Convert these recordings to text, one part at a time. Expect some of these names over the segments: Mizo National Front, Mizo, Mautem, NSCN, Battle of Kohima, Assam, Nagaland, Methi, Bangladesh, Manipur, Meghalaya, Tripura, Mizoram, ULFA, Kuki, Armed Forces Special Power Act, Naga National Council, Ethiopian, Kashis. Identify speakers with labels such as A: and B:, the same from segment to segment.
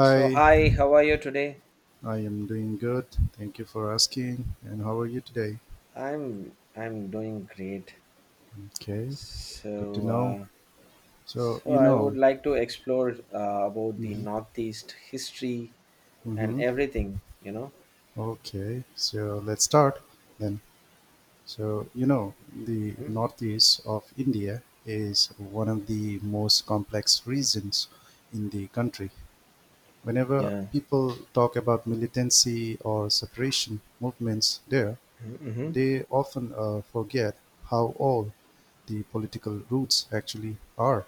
A: So hi, how are you today?
B: I am doing good. Thank you for asking. And how are you today?
A: I'm doing great.
B: Okay, good to
A: So
B: know.
A: uh,
B: So,
A: so I would like to explore about the
B: mm-hmm,
A: Northeast history and
B: mm-hmm.
A: everything.
B: Okay, so let's start then. So, you know, the
A: Mhm.
B: Northeast of India is one of the most complex regions in the country. Whenever
A: Yeah.
B: people talk about militancy or separation movements there,
A: Mm-hmm.
B: they often forget how old the political roots actually are.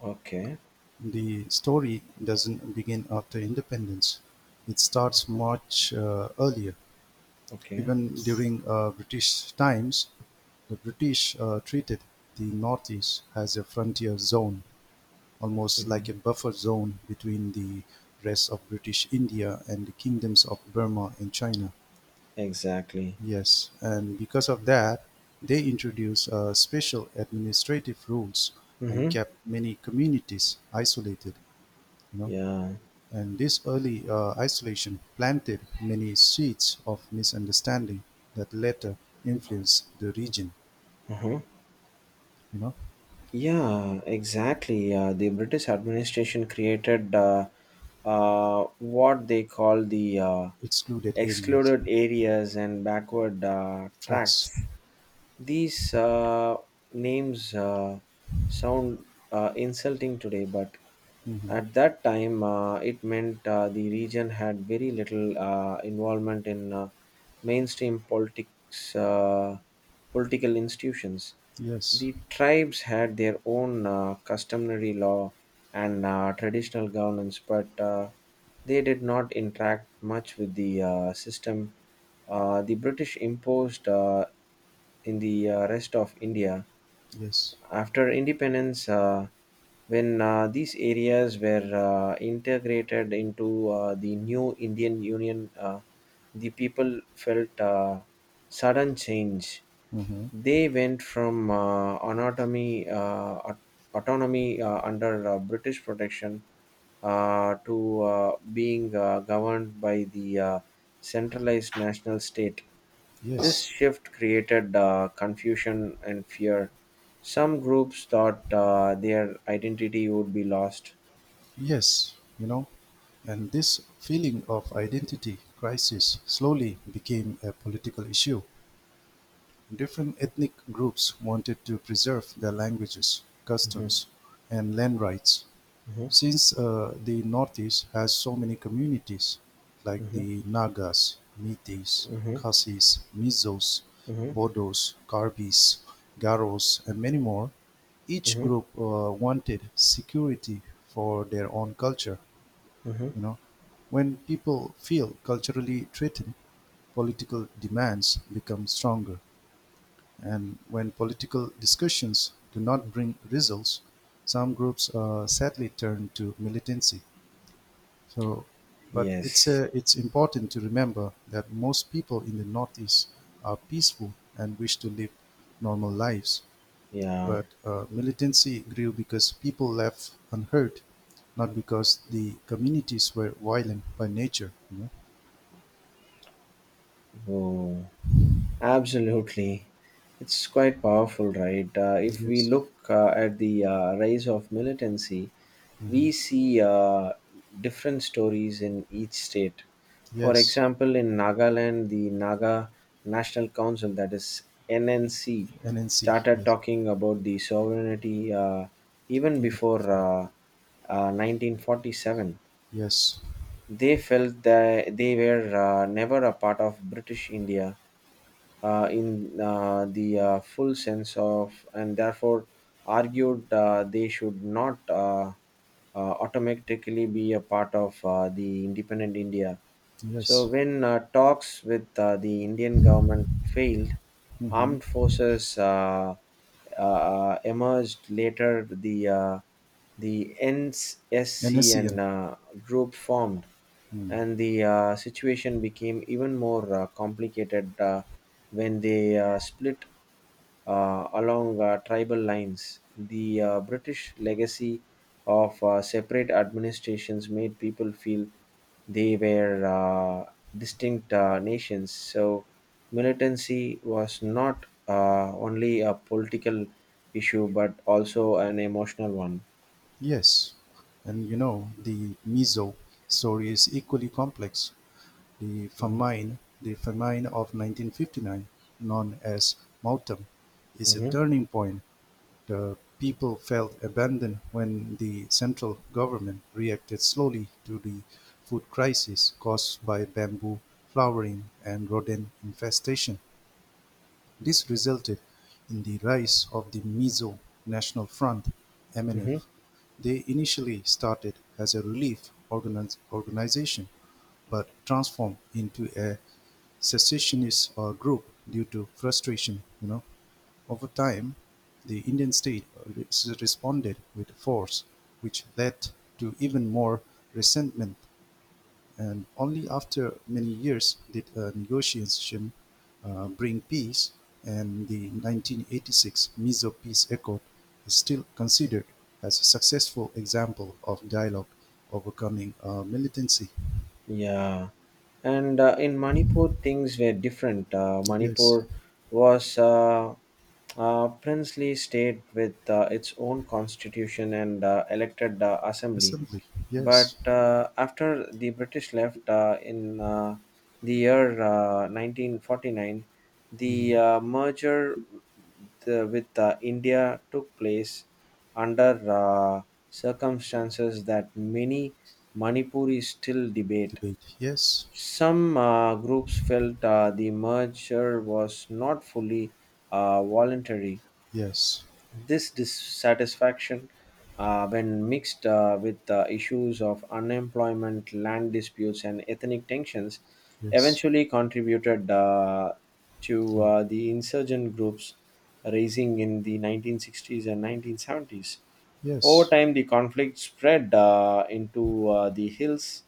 A: Okay.
B: The story doesn't begin after independence. It starts much earlier.
A: Okay.
B: Even during British times, the British treated the Northeast as a frontier zone, almost like
A: Mm-hmm.
B: a buffer zone between the rest of British India and the kingdoms of Burma and China.
A: Exactly.
B: Yes, and because of that, they introduced special administrative rules and
A: Mm-hmm.
B: kept many communities isolated. You know,
A: Yeah.
B: and this early isolation planted many seeds of misunderstanding that later influenced the region.
A: Uh huh.
B: You know,
A: Yeah, exactly. The British administration created what they call the
B: excluded areas,
A: excluded areas and backward
B: tracks.
A: tracts. These names sound insulting today, but
B: Hmm.
A: at that time it meant the region had very little involvement in mainstream politics, political institutions.
B: Yes,
A: The tribes had their own customary law and traditional governance, but they did not interact much with the system the British imposed in the rest of India
B: yes.
A: after independence. When these areas were integrated into the new Indian Union, the people felt sudden change.
B: Hmm,
A: They went from aut- autonomy under British protection, to being governed by the centralized national state. This
B: Yes.
A: shift created confusion and fear. Some groups thought their identity would be lost.
B: Yes, you know, and this feeling of identity crisis slowly became a political issue. Different ethnic groups wanted to preserve their languages,
A: Mhm,
B: customs, and land rights.
A: mhm,
B: Since the Northeast has so many communities like
A: mhm,
B: the Nagas, Metis,
A: mhm,
B: Khasis, Mizos,
A: mhm,
B: Bodos, Karbis, Garos, and many more, each
A: mhm,
B: group wanted security for their own culture.
A: mhm.
B: You know, when people feel culturally threatened, political demands become stronger, and when political discussions do not bring results, some groups sadly turn to militancy. So, but it's
A: Yes.
B: uh, it's important to remember that most people in the Northeast are peaceful and wish to live normal lives,
A: Yeah.
B: but militancy grew because people left unheard, not because the communities were violent by nature.
A: Oh, absolutely. It's quite powerful, right? If we
B: Yes.
A: look at the rise of militancy, we
B: Hmm.
A: see different stories in each state. For
B: Yes.
A: example, in Nagaland, the Naga National Council, that is NNC,
B: NNC.
A: started
B: Yes.
A: talking about the sovereignty even
B: Even
A: before
B: before.
A: 1947.
B: Yes.
A: They felt that they were never a part of British India in the full sense of, and therefore argued they should not automatically be a part of the independent India. So,
B: Yes.
A: when talks with the Indian government failed,
B: Hmm.
A: armed forces emerged later. The
B: NNC
A: NSCN
B: and
A: group formed,
B: mm.
A: and the situation became even more complicated when they split along tribal lines. The British legacy of separate administrations made people feel they were distinct nations, so militancy was not only a political issue but also an emotional one.
B: Yes, and you know the Mizo story is equally complex. The famine of 1959, known as Mautem, is a
A: Mm-hmm.
B: turning point. The people felt abandoned when the central government reacted slowly to the food crisis caused by bamboo flowering and rodent infestation. This resulted in the rise of the Mizo National Front
A: Mm-hmm.
B: (MNF). They initially started as a relief organization but transformed into a secessionist group due to frustration. Over time, the Indian state responded with force, which led to even more resentment. And only after many years did a negotiation bring peace, and the 1986 Mizo Peace Accord is still considered as a successful example of dialogue overcoming militancy.
A: Yeah, and in Manipur, things were different.
B: Yes.
A: Manipur was a princely state with its own constitution and elected assembly.
B: Assembly.
A: But
B: Yes.
A: after the British left in the year 1949, the
B: Mhm.
A: merger with India took place under circumstances that many Manipuris still debate.
B: Debate. Yes.
A: Some groups felt the merger was not fully voluntary.
B: Yes.
A: This dissatisfaction, when mixed with the issues of unemployment, land disputes, and ethnic tensions,
B: Yes.
A: eventually contributed to
B: Yeah.
A: the insurgent groups raising in the 1960s and 1970s. Over
B: Yes.
A: time, the conflict spread into the hills,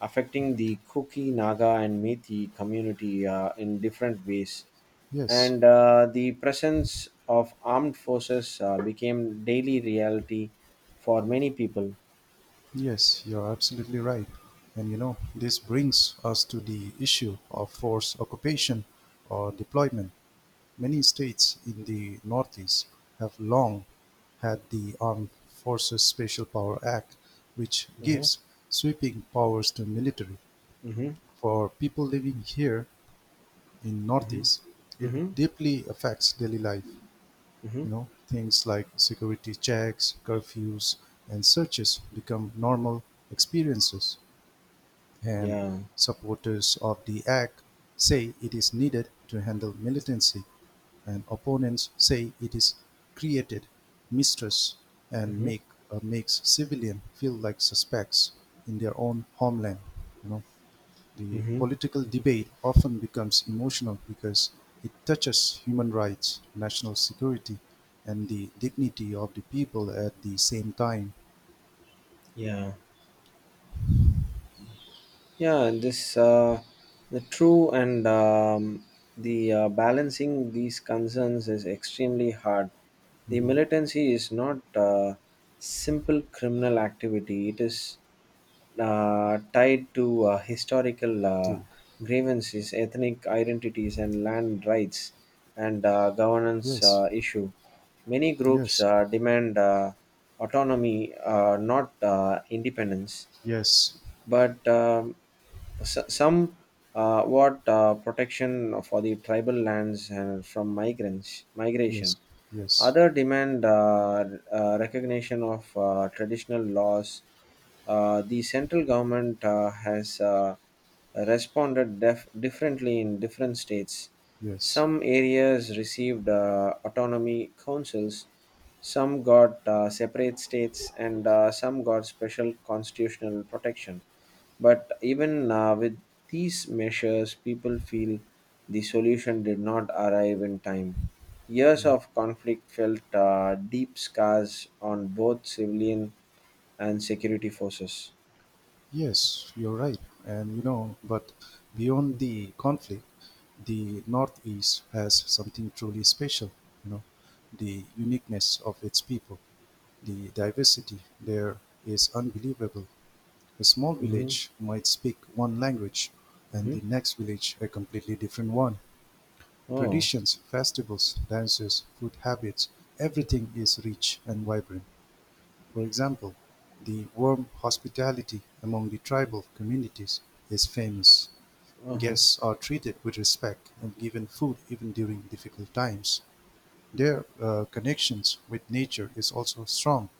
A: affecting the Kuki, Naga, and Methi community in different ways,
B: Yes,
A: and the presence of armed forces became daily reality for many people.
B: yes, you're absolutely right. And you know, this brings us to the issue of forced occupation or deployment. Many states in the Northeast have long had the Armed Forces Special Power Act, which
A: Mhm,
B: gives sweeping powers to military.
A: mhm,
B: For people living here in
A: mhm,
B: Northeast, it
A: mhm,
B: deeply affects daily life.
A: mhm.
B: You know, things like security checks, curfews, and searches become normal experiences, and
A: Yeah.
B: supporters of the act say it is needed to handle militancy, and opponents say it is created mistrust and
A: Mhm,
B: makes civilians feel like suspects in their own homeland. You know, the
A: mhm.
B: political debate often becomes emotional because it touches human rights, national security, and the dignity of the people at the same time.
A: Yeah. Yeah. This the true and the balancing these concerns is extremely hard. The
B: Hmm.
A: militancy is not simple criminal activity, it is tied to historical
B: True.
A: grievances, ethnic identities, and land rights, and governance
B: Yes.
A: issue. Many groups
B: Yes.
A: demand autonomy, not independence,
B: Yes.
A: but some what protection for the tribal lands and from migrants migration.
B: Yes. Yes.
A: Other demand recognition of traditional laws. The central government has responded differently in different states.
B: Yes.
A: Some areas received autonomy councils. Some got separate states, and some got special constitutional protection, but even with these measures, people feel the solution did not arrive in time. Years of conflict felt deep scars on both civilian and security forces.
B: Yes. You're right. And you know, but beyond the conflict, the Northeast has something truly special. You know, the uniqueness of its people, the diversity there is unbelievable. A small
A: Hmm.
B: village might speak one language and
A: Hmm.
B: the next village a completely different one.
A: Oh,
B: Traditions, festivals, dances, food habits, everything is rich and vibrant. For example, the warm hospitality among the tribal communities is famous.
A: uh
B: Guests are treated with respect and given food even during difficult times. Their connections with nature is also strong.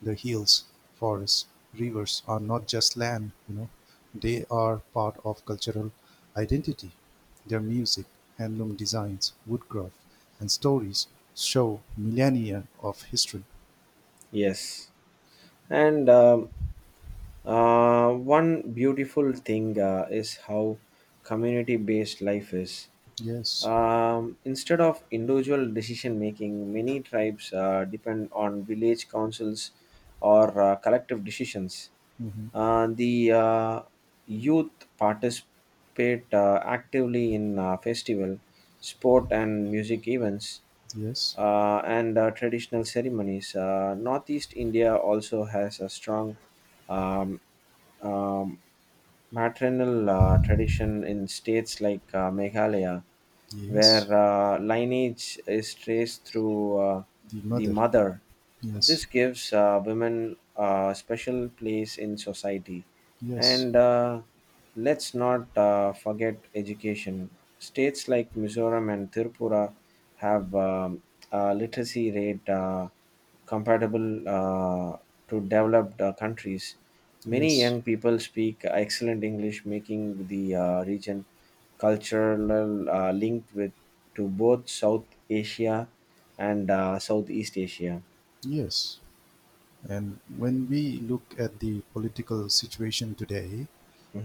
B: The hills, forests, rivers are not just land, you know. They are part of cultural identity. Their music, handloom designs, woodcraft, and stories show millennia of history.
A: yes. And one beautiful thing is how community based life is.
B: Yes.
A: Instead of individual decision making, many tribes depend on village councils or collective decisions.
B: Hmm.
A: The youth participate actively in festival, sport, and music events,
B: Yes.
A: and traditional ceremonies. Northeast India also has a strong um, um, maternal tradition in states like Meghalaya,
B: Yes.
A: where lineage is traced through
B: The
A: the
B: mother.
A: mother.
B: Yes.
A: This gives women a special place in society.
B: Yes.
A: And let's not forget education. States like Mizoram and Tripura have a literacy rate compatible to developed countries. Many
B: Yes.
A: young people speak excellent English, making the region cultural linked with to both South Asia and Southeast Asia.
B: Yes. And when we look at the political situation today,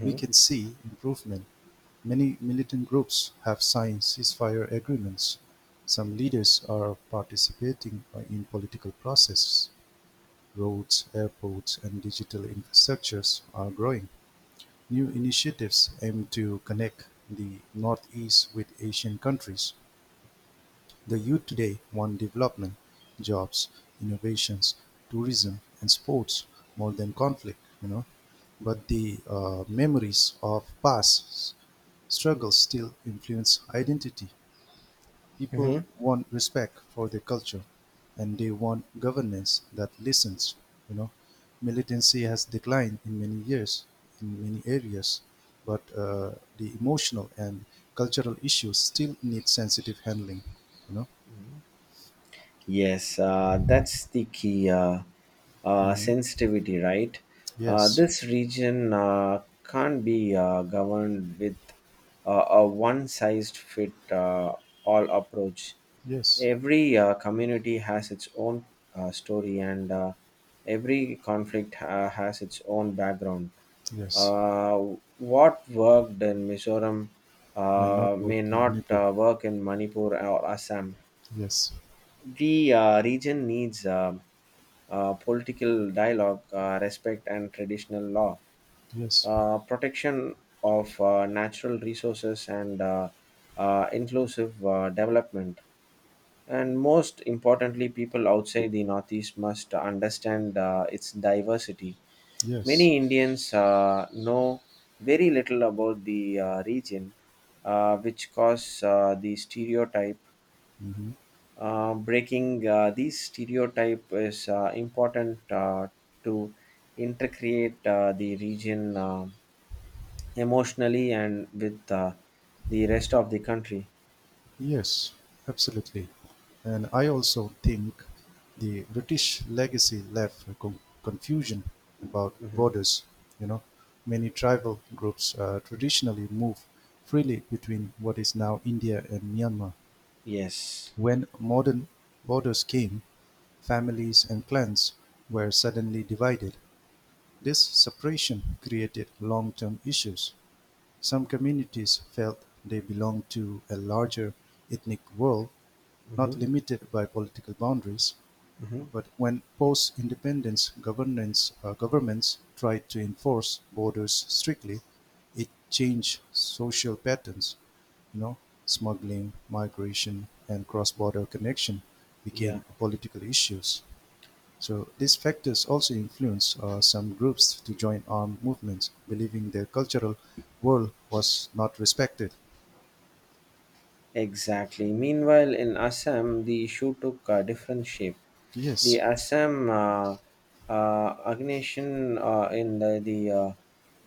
B: we can see improvement. Many militant groups have signed ceasefire agreements; some leaders are participating in political processes; roads, airports and digital infrastructures are growing; new initiatives aim to connect the Northeast with Asian countries. The youth today want development, jobs, innovations, tourism and sports more than conflict, you know. But the memories of past struggles still influence identity.
A: Hmm.
B: People want respect for their culture and they want governance that listens. You know, militancy has declined in many years, in many areas, but the emotional and cultural issues still need sensitive handling. You know.
A: Yes, that's the key,
B: Mhm.
A: sensitivity, right?
B: Yes.
A: This region can't be governed with a one size fit all approach.
B: Yes.
A: Every community has its own story, and every conflict has its own background.
B: Yes.
A: What worked in Mizoram
B: May not work
A: may
B: in
A: not
B: Manipur.
A: work in Manipur or Assam.
B: Yes.
A: The region needs political dialogue, respect, and traditional law,
B: Yes.
A: protection of natural resources, and inclusive development. And most importantly, people outside the Northeast must understand its diversity.
B: Yes.
A: Many Indians know very little about the region, which cause the stereotype.
B: Mhm.
A: Breaking these stereotype is important to intercreate the region emotionally and with the rest of the country.
B: Yes, absolutely. And I also think the British legacy left a confusion about
A: Mhm.
B: borders. You know, many tribal groups traditionally move freely between what is now India and Myanmar.
A: Yes.
B: When modern borders came, families and clans were suddenly divided. This separation created long term issues. Some communities felt they belonged to a larger ethnic world not
A: Hmm.
B: limited by political boundaries,
A: Hmm.
B: but when post-independence governments tried to enforce borders strictly, it changed social patterns. You know, smuggling, migration, and cross-border connection
A: Yeah,
B: became political issues. So these factors also influence some groups to join armed movements, believing their cultural world was not respected.
A: exactly. Meanwhile, in Assam, the issue took a different shape. The
B: Yes,
A: Assam aggression in the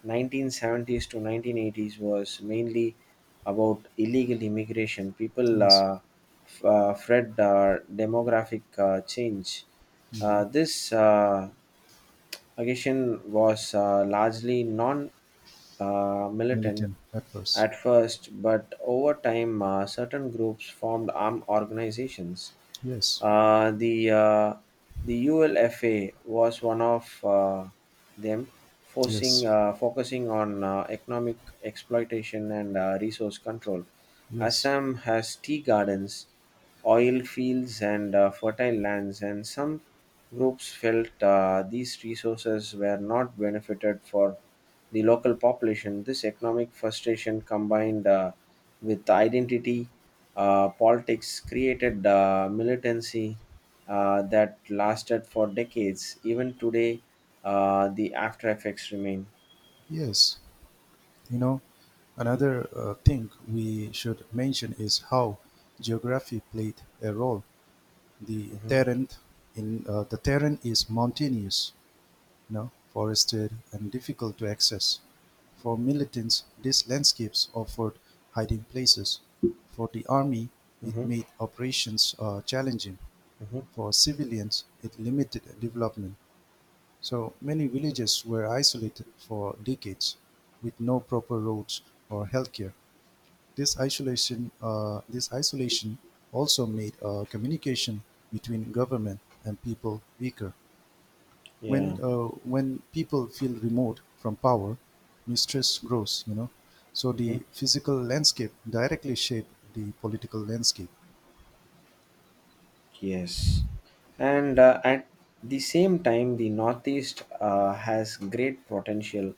A: 1970s to 1980s was mainly about illegal immigration. People
B: yes,
A: fled demographic change. This aggression was largely non militant
B: militant at first.
A: at first, but over time, certain groups formed armed organizations.
B: Yes,
A: Uh, the uh, the ULFA was one of them, forcing
B: yes.
A: focusing on economic exploitation and resource control.
B: Yes,
A: Assam has tea gardens, oil fields, and fertile lands, and some groups felt these resources were not benefited for the local population. This economic frustration combined with identity politics created militancy that lasted for decades. Even today, the after effects remain.
B: yes. You know, another thing we should mention is how geography played a role. The
A: Hmm.
B: terrain the terrain is mountainous, you know, forested and difficult to access. For militants, these landscapes offered hiding places. For the army, it
A: Hmm.
B: made operations challenging.
A: Hmm.
B: For civilians, it limited development. So many villages were isolated for decades with no proper roads or healthcare. This isolation also made communication between government and people weaker.
A: Yeah.
B: When people feel remote from power, mistrust grows. You know, so
A: Mhm.
B: the physical landscape directly shaped the political landscape.
A: Yes, and at the same time, the Northeast has great potential.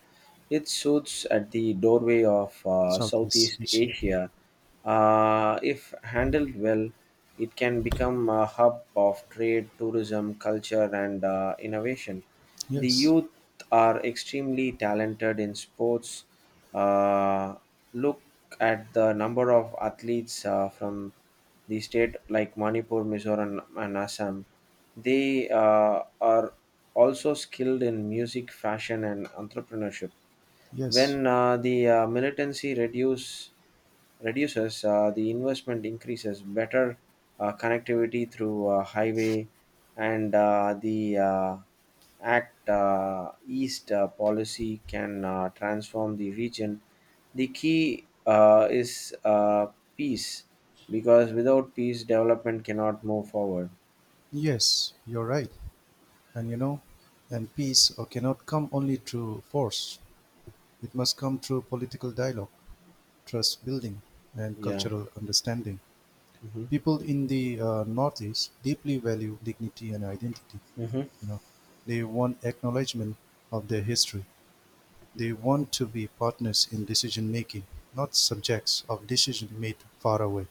A: It suits at the doorway of
B: In Southeast
A: Southeast
B: Asia.
A: Asia. If handled well, it can become a hub of trade, tourism, culture, and innovation. The
B: Yes,
A: youth are extremely talented in sports. Uh, Look at the number of athletes from the state like Manipur, Mizoram, and Assam. They are also skilled in music, fashion, and entrepreneurship.
B: yes,
A: When the militancy reduces, the investment increases. Better connectivity through highway and the Act East policy can transform the region. The key is peace, because without peace, development cannot move forward.
B: yes. You're right. And you know, and peace cannot come only through force. It must come through political dialogue, trust building, and
A: Yeah.
B: cultural understanding.
A: Hmm.
B: People in the Northeast deeply value dignity and identity.
A: Hmm.
B: You know, they want acknowledgement of their history. They want to be partners in decision making, not subjects of decision made far away.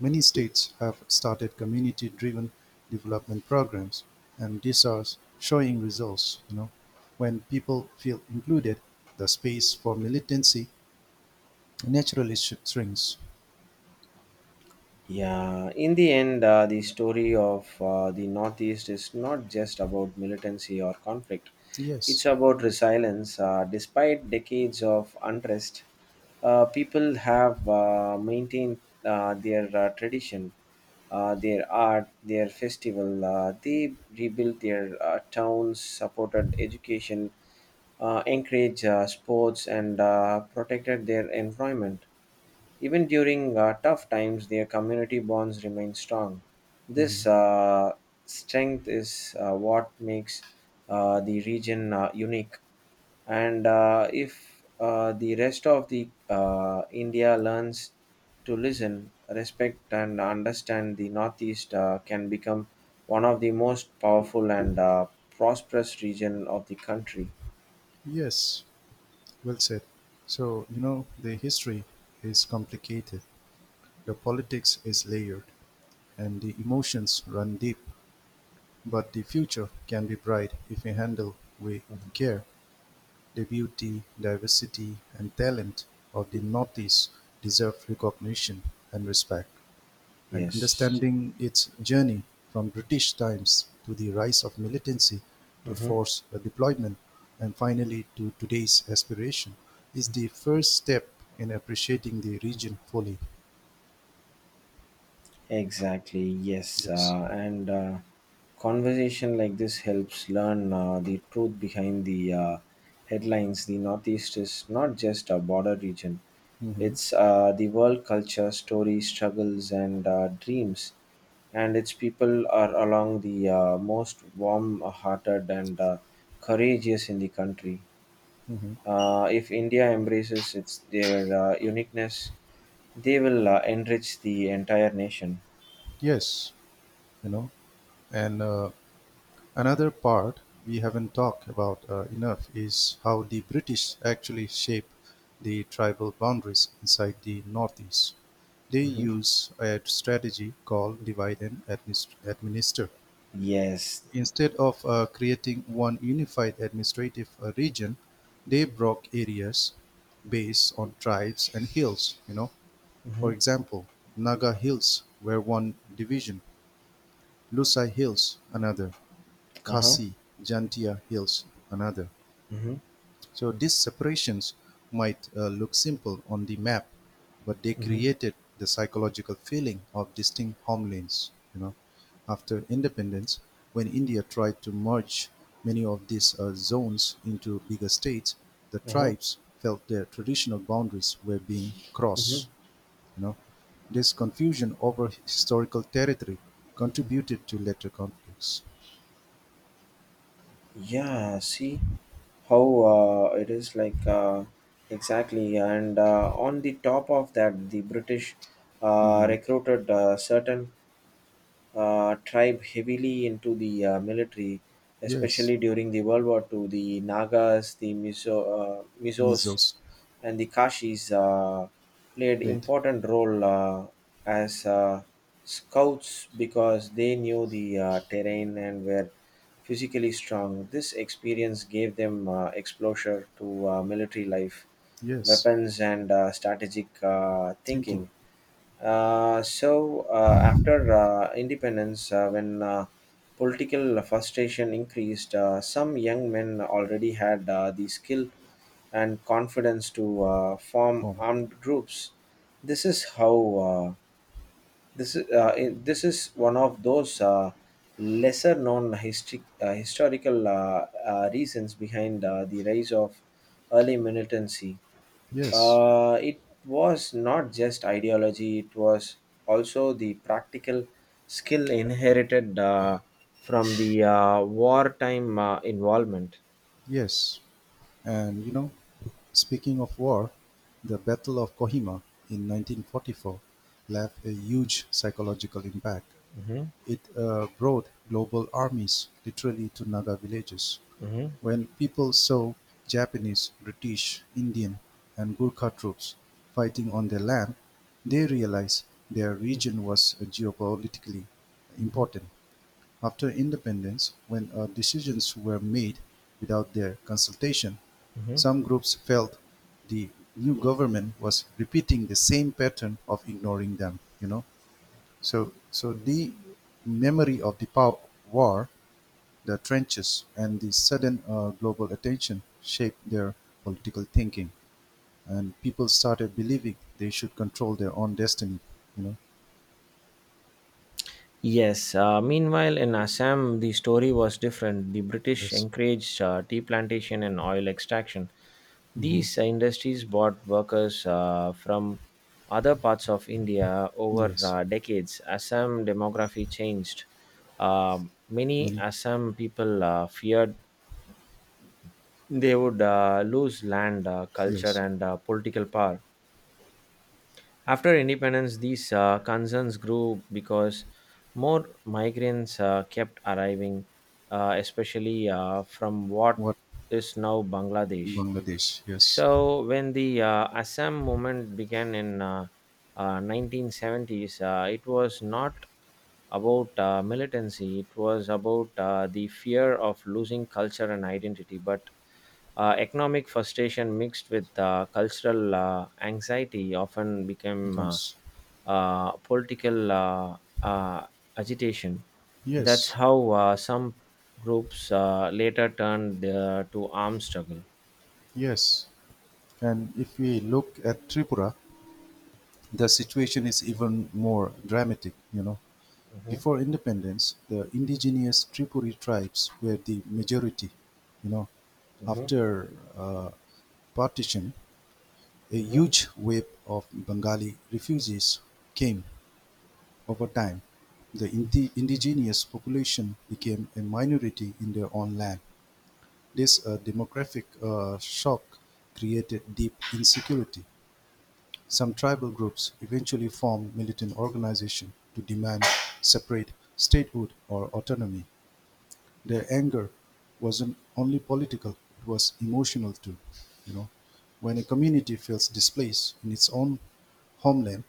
B: Many states have started community-driven development programs, and these are showing results. You know, when people feel included, the space for militancy naturally shrinks.
A: Yeah, in the end, the story of the Northeast is not just about militancy or conflict. It's
B: Yes,
A: about resilience. Despite decades of unrest, people have maintained their tradition, their art, their festival. They rebuilt their towns, supported education, encouraged sports, and protected their environment. Even during tough times, their community bonds remain strong. This strength is what makes the region unique. And if the rest of the India learns to listen, respect, and understand the Northeast, can become one of the most powerful and prosperous region of the country.
B: yes, well said. So, you know, the history is complicated, the politics is layered, and the emotions run deep. But the future can be bright if we handle with
A: Mhm.
B: care. The beauty, diversity and talent of the Northeast deserve recognition and respect, and
A: Yes.
B: understanding its journey from British times to the rise of militancy to
A: Mhm.
B: force deployment and finally to today's aspiration is the first step in appreciating the region fully.
A: Exactly, yes.
B: Yes.
A: And conversation like this helps learn the truth behind the headlines. The Northeast is not just a border region,
B: Hmm.
A: it's the world culture, stories, struggles, and dreams. And its people are along the most warm hearted and courageous in the country.
B: Hmm.
A: If India embraces their uniqueness, they will enrich the entire nation.
B: Yes. You know, and another part we haven't talked about enough is how the British actually shape the tribal boundaries inside the Northeast. They
A: Mhm.
B: use a strategy called divide and administer.
A: Yes.
B: Instead of creating one unified administrative region, they broke areas based on tribes and hills. You know, for
A: Hmm.
B: example, Naga Hills were one division, Lusai Hills another,
A: Uh-huh.
B: Khasi Jantia Hills another.
A: Hmm.
B: So these separations might look simple on the map, but they
A: Hmm.
B: created the psychological feeling of distinct homelands. You know, after independence, when India tried to merge many of these zones into bigger states, the
A: Uh-huh.
B: tribes felt their traditional boundaries were being
A: Hmm.
B: crossed. You know, this confusion over historical territory contributed to later conflicts.
A: Yeah, see how it is like, exactly. And on the top of that, the British
B: Mhm.
A: recruited certain tribe heavily into the military,
B: Yes,
A: especially during the World War II. The Nagas, the Mizos,
B: measles.
A: and the Kashis played
B: Late.
A: important role as scouts, because they knew the terrain and were physically strong. This experience gave them exposure to military life,
B: Yes,
A: weapons, and strategic
B: thinking.
A: thinking. So after independence, when political frustration increased, some young men already had the skill and confidence to form
B: Oh,
A: armed groups. This is how uh, this is This is one of those lesser known history, historical reasons behind the rise of early militancy.
B: yes,
A: It was not just ideology, it was also the practical skill inherited from the wartime involvement.
B: yes. And you know, speaking of war, the Battle of Kohima in 1944 left a huge psychological impact.
A: Hmm.
B: It brought global armies literally to Naga villages.
A: Hmm.
B: When people saw Japanese, British, Indian, and Gurkha troops fighting on their land, they realized their region was geopolitically important. After independence, when decisions were made without their consultation,
A: Hmm.
B: some groups felt the new government was repeating the same pattern of ignoring them. You know, so the memory of the war, the trenches, and the sudden global attention shaped their political thinking, and people started believing they should control their own destiny. You know,
A: Yes, meanwhile in Assam, the story was different. The British
B: yes.
A: encouraged tea plantation and oil extraction.
B: Hmm,
A: These industries brought workers from other parts of India over
B: yes.
A: decades. Assam demography changed. Many
B: Many.
A: Assam people feared they would lose land, culture,
B: Yes.
A: and political power. After independence, these concerns grew because more migrants kept arriving, especially from what
B: What?
A: is now Bangladesh.
B: Bangladesh? Yes.
A: So, when the Assam movement began in 1970s, it was not about militancy, it was about the fear of losing culture and identity, but economic frustration mixed with cultural anxiety often became
B: Incomes.
A: political agitation. That's
B: Yes,
A: how some groups later turned to armed struggle.
B: yes. And if we look at Tripura, the situation is even more dramatic, you know.
A: Mhm,
B: Before independence, the indigenous Tripuri tribes were the majority, you know.
A: mhm,
B: After uh, partition, a
A: mhm.
B: huge wave of Bengali refugees came over time. The indigenous population became a minority in their own land. This demographic shock created deep insecurity. Some tribal groups eventually formed militant organizations to demand separate statehood or autonomy. Their anger wasn't only political, it was emotional too. You know, when a community feels displaced in its own homeland,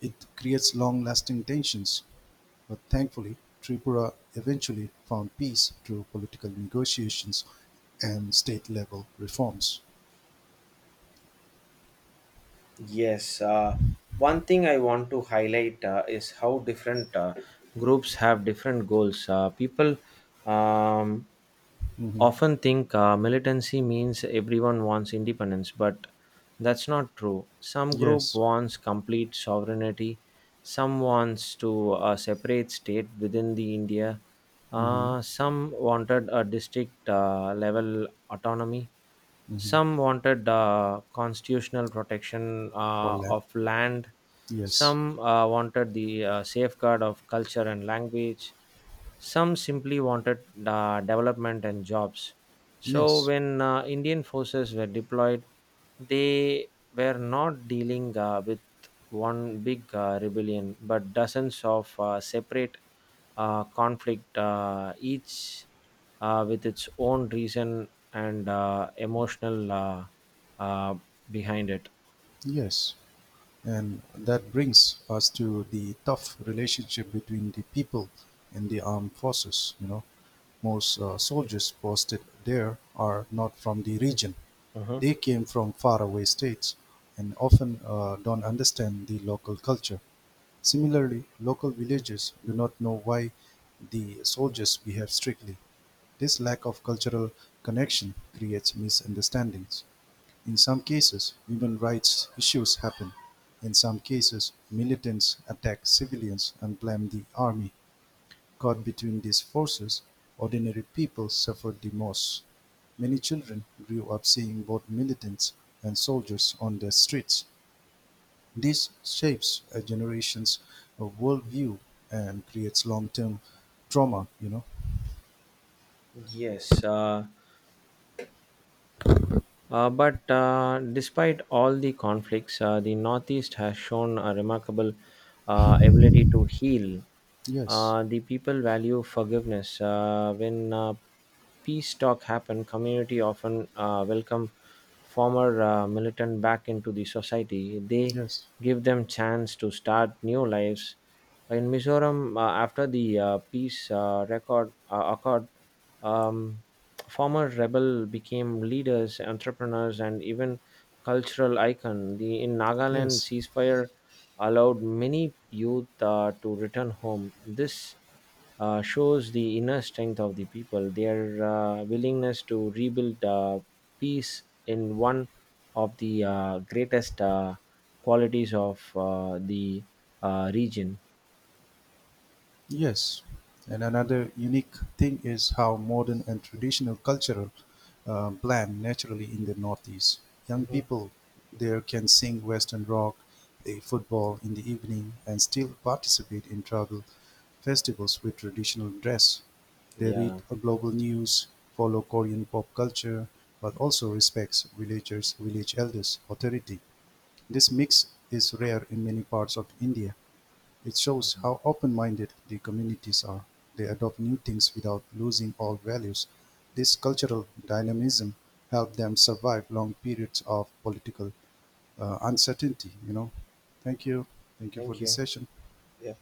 B: it creates long-lasting tensions but thankfully, Tripura eventually found peace through political negotiations and state-level reforms.
A: Yes. One thing I want to highlight is how different groups have different goals. People um, often think militancy means everyone wants independence, but that's not true. Some group
B: Yes.
A: wants complete sovereignty. Some wants to separate state within the India.
B: Hmm.
A: Some wanted a district level autonomy. Some wanted constitutional protection
B: For land.
A: of land.
B: Yes.
A: Some wanted the safeguard of culture and language. Some simply wanted development and jobs. So,
B: Yes.
A: when Indian forces were deployed, they were not dealing with one big rebellion, but dozens of separate conflict, each with its own reason and emotional uh, behind it.
B: Yes. And that brings us to the tough relationship between the people and the armed forces. You know, most soldiers posted there are not from the region.
A: Mhm.
B: They came from faraway states and often don't understand the local culture. Similarly, local villages do not know why the soldiers behave strictly. This lack of cultural connection creates misunderstandings. In some cases, human rights issues happen. In some cases, militants attack civilians and blame the army. Caught between these forces, ordinary people suffer the most. Many children grew up seeing both militants and soldiers on the streets. This shapes a generation's worldview and creates long-term trauma. You know.
A: Yes, but despite all the conflicts, the Northeast has shown a remarkable ability to heal.
B: Yes.
A: The people value forgiveness. When peace talk happen, community often welcome former militant back into the society. They
B: Yes.
A: give them chance to start new lives. In Mizoram, after the peace record accord, um, former rebel became leaders, entrepreneurs, and even cultural icon. The in Nagaland
B: Yes.
A: ceasefire allowed many youth to return home. This shows the inner strength of the people, their willingness to rebuild peace in one of the greatest qualities of the region.
B: Yes, and another unique thing is how modern and traditional cultural blend naturally in the Northeast. Young
A: Mhm.
B: people there can sing Western rock, play football in the evening, and still participate in tribal festivals with traditional dress. They read
A: Yeah,
B: global news, follow Korean pop culture, but also respects villagers, village elders' authority. This mix is rare in many parts of India. It shows how open-minded the communities are; they adopt new things without losing old values; this cultural dynamism helped them survive long periods of political uncertainty, you know. Thank you. Thank you for
A: thank
B: this
A: you.
B: session.
A: Yeah.